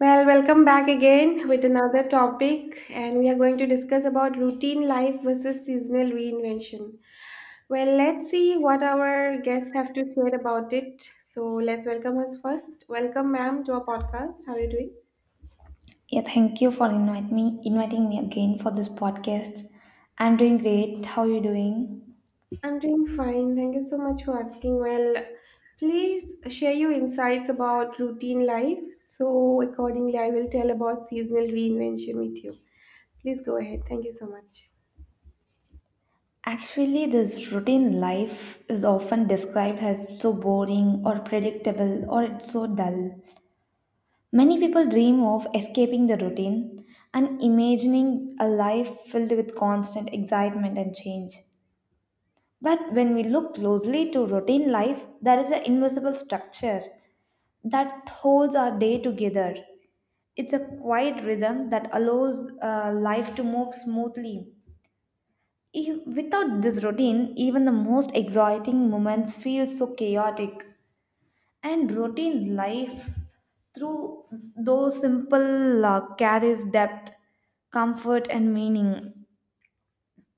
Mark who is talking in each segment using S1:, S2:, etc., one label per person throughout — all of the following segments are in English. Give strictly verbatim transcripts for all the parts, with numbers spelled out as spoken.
S1: Well, welcome back again with another topic, and we are going to discuss about routine life versus seasonal reinvention. Well, let's see what our guests have to share about it. So let's welcome us first. Welcome, ma'am, to our podcast. How are you doing?
S2: Yeah, thank you for invite me, inviting me again for this podcast. I'm doing great. How are you doing?
S1: I'm doing fine. Thank you so much for asking. Well, please share your insights about routine life. So accordingly, I will tell about seasonal reinvention with you. Please go ahead. Thank you so much.
S2: Actually, this routine life is often described as so boring or predictable or it's so dull. Many people dream of escaping the routine and imagining a life filled with constant excitement and change. But when we look closely to routine life, there is an invisible structure that holds our day together. It's a quiet rhythm that allows uh, life to move smoothly. If- without this routine, even the most exciting moments feel so chaotic. And routine life, through those simple uh, carries depth, comfort, and meaning.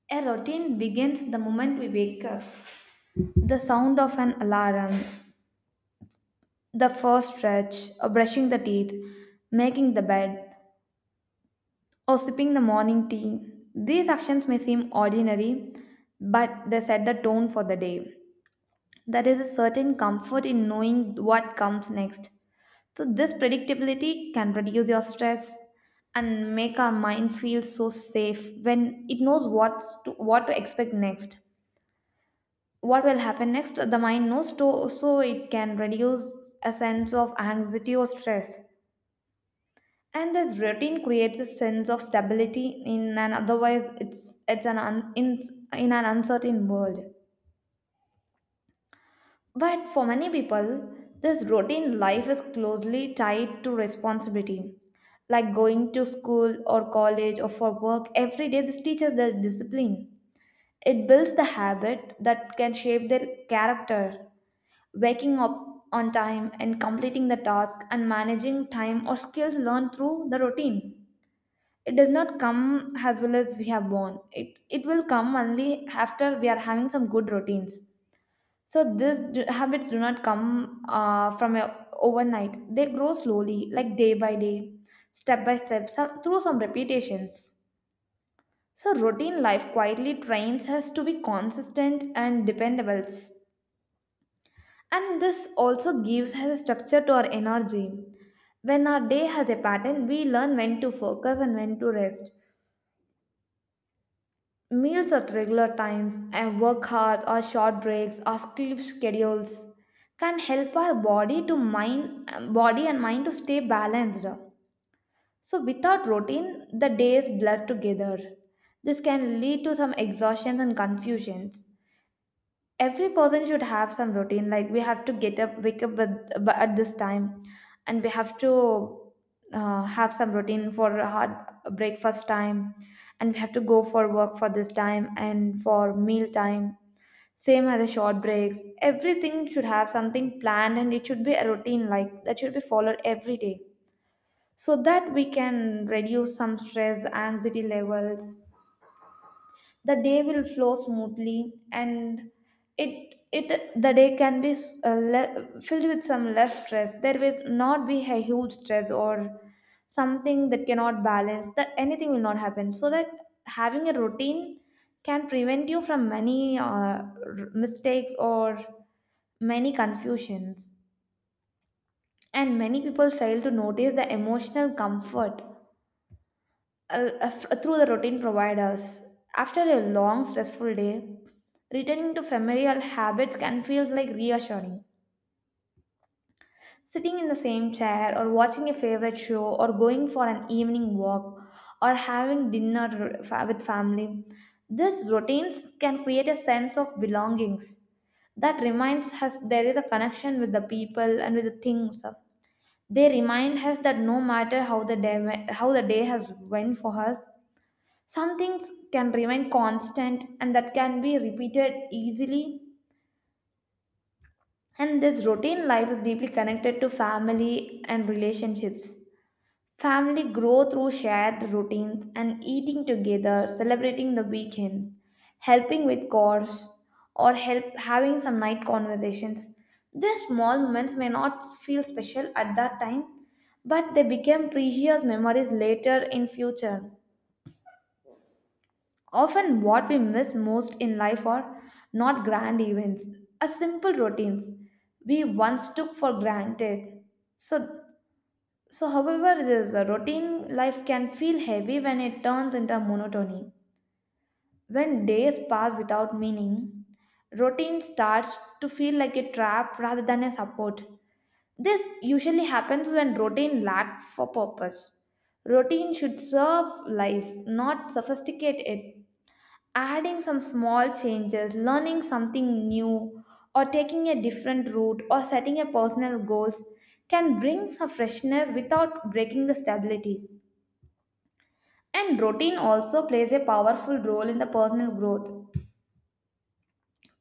S2: A routine begins the moment we wake up. The sound of an alarm, the first stretch, or brushing the teeth, making the bed, or sipping the morning tea. These actions may seem ordinary, but they set the tone for the day. There is a certain comfort in knowing what comes next. So, this predictability can reduce your stress and make our mind feel so safe when it knows what's to, what to expect next. What will happen next? The mind knows to, so it can reduce a sense of anxiety or stress. And this routine creates a sense of stability in an otherwise it's it's an un, in, in an uncertain world. But for many people, this routine life is closely tied to responsibility. Like going to school or college or for work every day, this teaches their discipline. It builds the habit that can shape their character. Waking up on time and completing the task and managing time or skills learned through the routine. It does not come as well as we have born it, it will come only after we are having some good routines. So these d- habits do not come uh, from a, overnight. They grow slowly, like day by day, step by step, some, through some repetitions. So routine life quietly trains us to be consistent and dependable, and this also gives us a structure to our energy. When our day has a pattern, we learn when to focus and when to rest. Meals at regular times and work hard or short breaks or sleep schedules can help our body to mind body and mind to stay balanced. So without routine, the days blur together. This can lead to some exhaustions and confusions. Every person should have some routine, like we have to get up wake up at, b- at this time, and we have to uh, have some routine for a hard breakfast time, and we have to go for work for this time and for meal time, same as the short breaks. Everything should have something planned and it should be a routine like that, should be followed every day, so that we can reduce some stress anxiety levels. The day will flow smoothly and it it the day can be s- uh, le- filled with some less stress. There will not be a huge stress or something that cannot balance, that anything will not happen. So that having a routine can prevent you from many uh, r- mistakes or many confusions. And many people fail to notice the emotional comfort uh, uh, through the routine providers. After a long, stressful day, returning to familiar habits can feel like reassuring. Sitting in the same chair, or watching a favorite show, or going for an evening walk, or having dinner fa- with family. These routines can create a sense of belongings that reminds us there is a connection with the people and with the things. They remind us that no matter how the day, how the day has went for us, some things can remain constant and that can be repeated easily. And this routine life is deeply connected to family and relationships. Family grow through shared routines and eating together, celebrating the weekend, helping with chores, or help having some night conversations. These small moments may not feel special at that time, but they become precious memories later in future. Often, what we miss most in life are not grand events, a simple routines we once took for granted. So, so however, this routine life can feel heavy when it turns into monotony. When days pass without meaning, routine starts to feel like a trap rather than a support. This usually happens when routine lack for purpose. Routine should serve life, not sophisticate it. Adding some small changes, learning something new, or taking a different route, or setting a personal goals can bring some freshness without breaking the stability. And routine also plays a powerful role in the personal growth.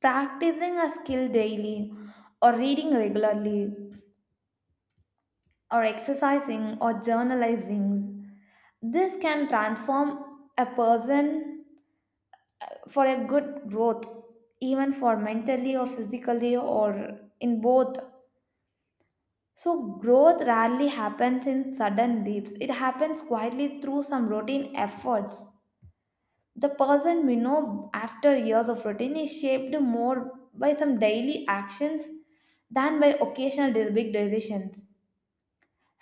S2: Practicing a skill daily, or reading regularly, or exercising, or journalizing, this can transform a person for a good growth, even for mentally or physically or in both. So, growth rarely happens in sudden leaps. It happens quietly through some routine efforts. The person we know after years of routine is shaped more by some daily actions than by occasional de- big decisions.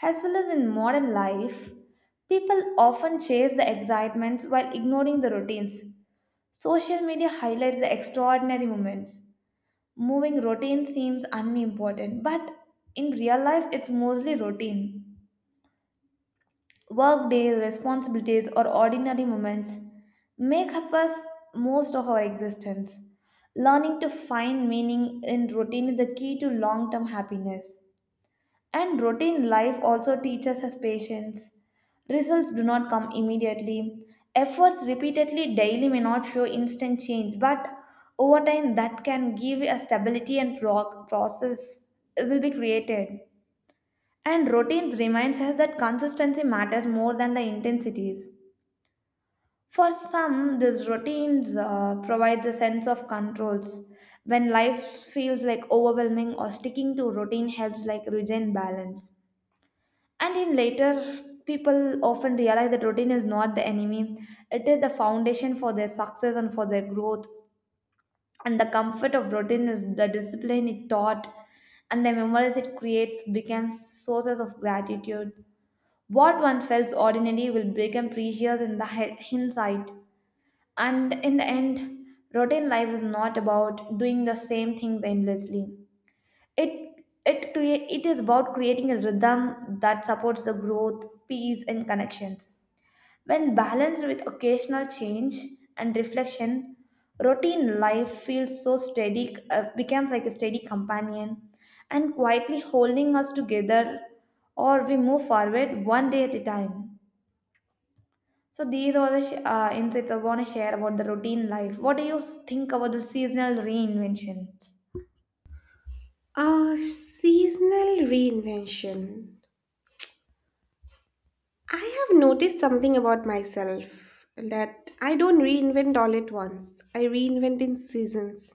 S2: As well as in modern life, people often chase the excitements while ignoring the routines. Social media highlights the extraordinary moments. Moving routine seems unimportant, but in real life, it's mostly routine. Work days, responsibilities, or ordinary moments make up us most of our existence. Learning to find meaning in routine is the key to long term happiness. And routine life also teaches us patience. Results do not come immediately. Efforts repeatedly daily may not show instant change, but over time, that can give a stability and pro- process will be created. And routine reminds us that consistency matters more than the intensities. For some, these routines uh, provide a sense of controls. When life feels like overwhelming or sticking to routine helps like regain balance. And in later, people often realize that routine is not the enemy. It is the foundation for their success and for their growth. And the comfort of routine is the discipline it taught and the memories it creates becomes sources of gratitude. What once felt ordinary will become precious in the he- hindsight. And in the end, routine life is not about doing the same things endlessly. It it crea- it is about creating a rhythm that supports the growth, peace, and connections. When balanced with occasional change and reflection, routine life feels so steady, uh, becomes like a steady companion, and quietly holding us together, or we move forward one day at a time. So these are the sh- uh, insights I want to share about the routine life. What do you s- think about the seasonal reinventions?
S1: Uh, seasonal reinvention. I have noticed something about myself that I don't reinvent all at once. I reinvent in seasons.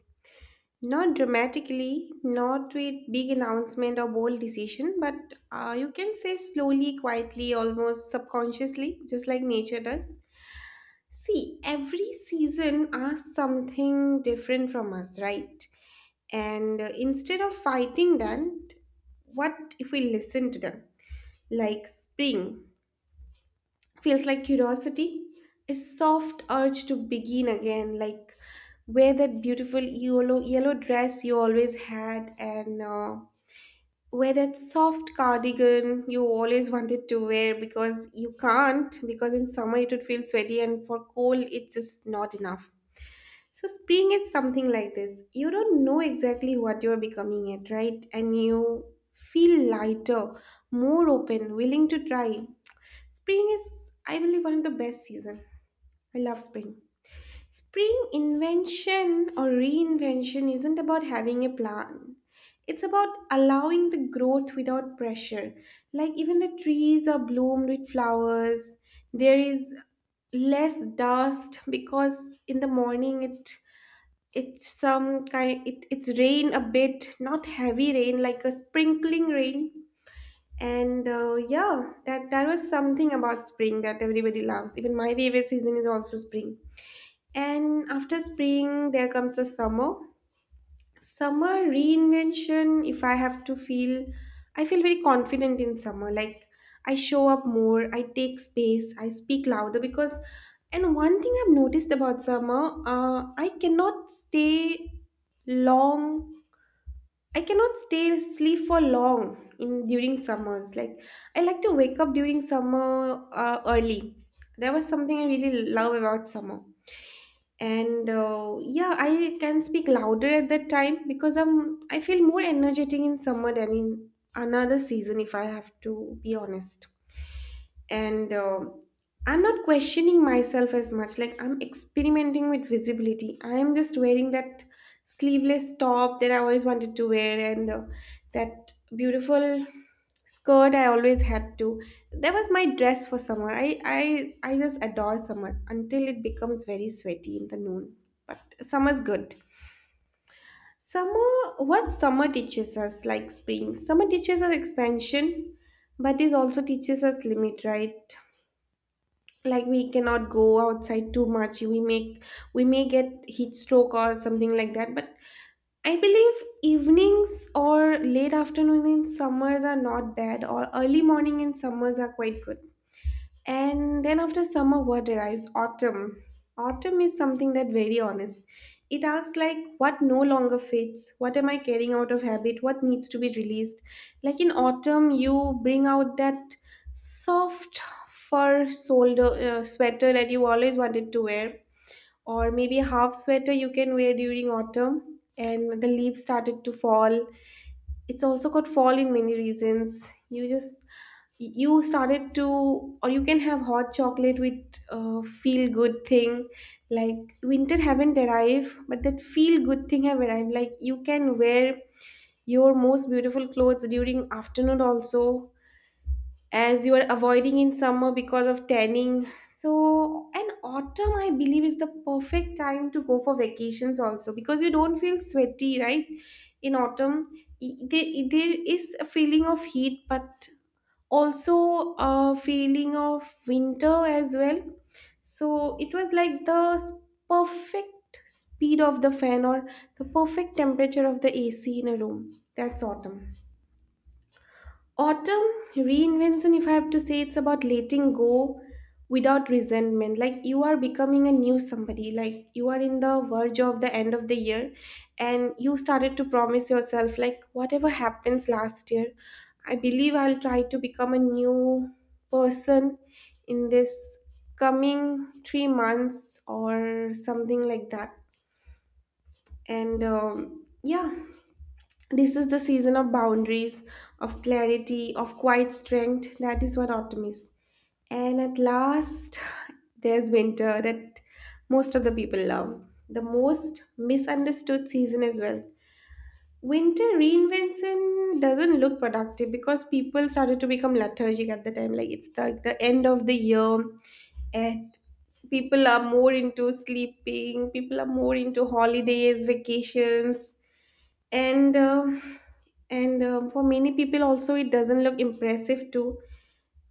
S1: Not dramatically, not with big announcement or bold decision, but uh, you can say slowly, quietly, almost subconsciously, just like nature does. See, every season asks something different from us, right? And uh, Instead of fighting that, what if we listen to them? Like spring feels like curiosity, a soft urge to begin again. Like wear that beautiful yellow yellow dress you always had, and uh, wear that soft cardigan you always wanted to wear, because you can't, because in summer it would feel sweaty and for cold it's just not enough. So spring is something like this. You don't know exactly what you're becoming yet, right? And you feel lighter, more open, willing to try. Spring is, I believe, one of the best season. I love spring. Spring invention or reinvention isn't about having a plan. It's about allowing the growth without pressure. Like even the trees are bloomed with flowers. There is less dust because in the morning it it's some kind, it, it's rain a bit, not heavy rain, like a sprinkling rain. And uh, yeah, that that was something about spring that everybody loves. Even my favorite season is also spring. And after spring, there comes the summer. Summer reinvention, if I have to feel, I feel very confident in summer. Like I show up more, I take space, I speak louder because. And one thing I've noticed about summer, uh, I cannot stay long. I cannot stay sleep for long in during summers. Like I like to wake up during summer uh, early. That was something I really love about summer. And uh, yeah, I can speak louder at that time because I'm I feel more energetic in summer than in another season, if I have to be honest. And um I'm not questioning myself as much. Like I'm experimenting with visibility. I'm just wearing that sleeveless top that I always wanted to wear, and uh, that beautiful skirt I always had to. That was my dress for summer. I i i just adore summer until it becomes very sweaty in the noon. But summer's good. Summer, what summer teaches us, like spring, summer teaches us expansion, but it also teaches us limit, right? Like we cannot go outside too much. We make we may get heat stroke or something like that. But I believe evenings or late afternoon in summers are not bad, or early morning in summers are quite good. And then after summer, what arrives? Autumn. Autumn is something that very honest. It asks like what no longer fits, what am I carrying out of habit, what needs to be released. Like in autumn, you bring out that soft fur solder uh, sweater that you always wanted to wear, or maybe a half sweater you can wear during autumn. And the leaves started to fall, it's also got fall in many reasons. You just, you started to, or you can have hot chocolate with uh, feel good thing. Like winter haven't arrived, but that feel good thing have arrived. Like you can wear your most beautiful clothes during afternoon also, as you are avoiding in summer because of tanning. So, and autumn, I believe, is the perfect time to go for vacations also because you don't feel sweaty, right? In autumn, Y- there, there is a feeling of heat, but also a feeling of winter as well. So, it was like the s- perfect speed of the fan, or the perfect temperature of the A C in a room. That's autumn. Autumn reinvention, if I have to say, it's about letting go without resentment. Like you are becoming a new somebody, like you are in the verge of the end of the year, and you started to promise yourself, like, whatever happens last year, I believe I'll try to become a new person in this coming three months or something like that. And um, Yeah, this is the season of boundaries, of clarity, of quiet strength. That is what autumn is. And at last, there's winter that most of the people love. The most misunderstood season as well. Winter reinvention doesn't look productive because people started to become lethargic at the time. Like it's the, the end of the year, and people are more into sleeping, people are more into holidays, vacations. And um and um for many people also it doesn't look impressive too,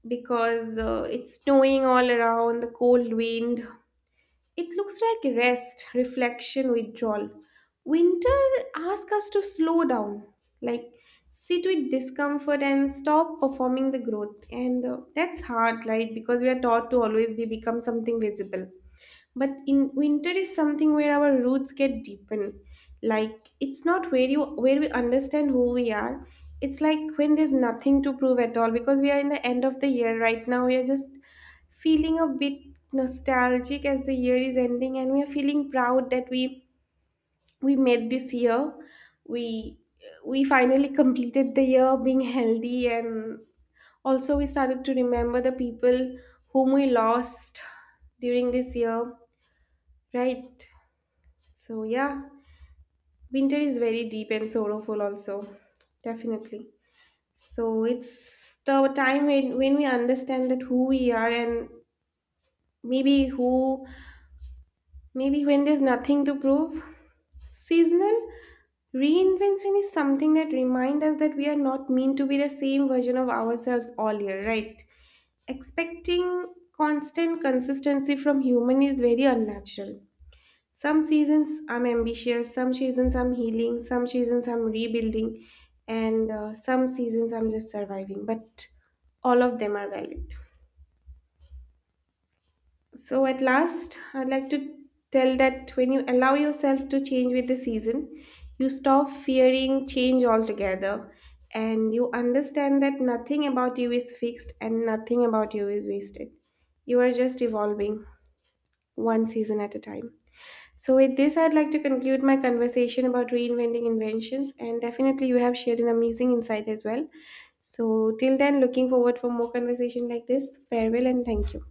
S1: because uh, it's snowing all around, the cold wind. It looks like rest, reflection, withdrawal. Winter asks us to slow down, like sit with discomfort and stop performing the growth. And uh, that's hard, right? Because we are taught to always be become something visible. But in winter is something where our roots get deepen. Like it's not where you where we understand who we are. It's like when there's nothing to prove at all, because we are in the end of the year right now. We are just feeling a bit nostalgic as the year is ending, and we are feeling proud that we we made this year. We we finally completed the year being healthy, and also we started to remember the people whom we lost during this year, right? So, yeah, winter is very deep and sorrowful, also, definitely. So, it's the time when, when we understand that who we are, and maybe who, maybe when there's nothing to prove. Seasonal reinvention is something that reminds us that we are not meant to be the same version of ourselves all year, right? Expecting constant consistency from human is very unnatural. Some seasons I'm ambitious, some seasons I'm healing, some seasons I'm rebuilding, and uh, some seasons I'm just surviving. But all of them are valid. So, at last, I'd like to tell that when you allow yourself to change with the season, you stop fearing change altogether, and you understand that nothing about you is fixed and nothing about you is wasted. You are just evolving one season at a time. So, with this, I'd like to conclude my conversation about reinventing inventions, and definitely you have shared an amazing insight as well. So, till then, looking forward for more conversation like this. Farewell and thank you.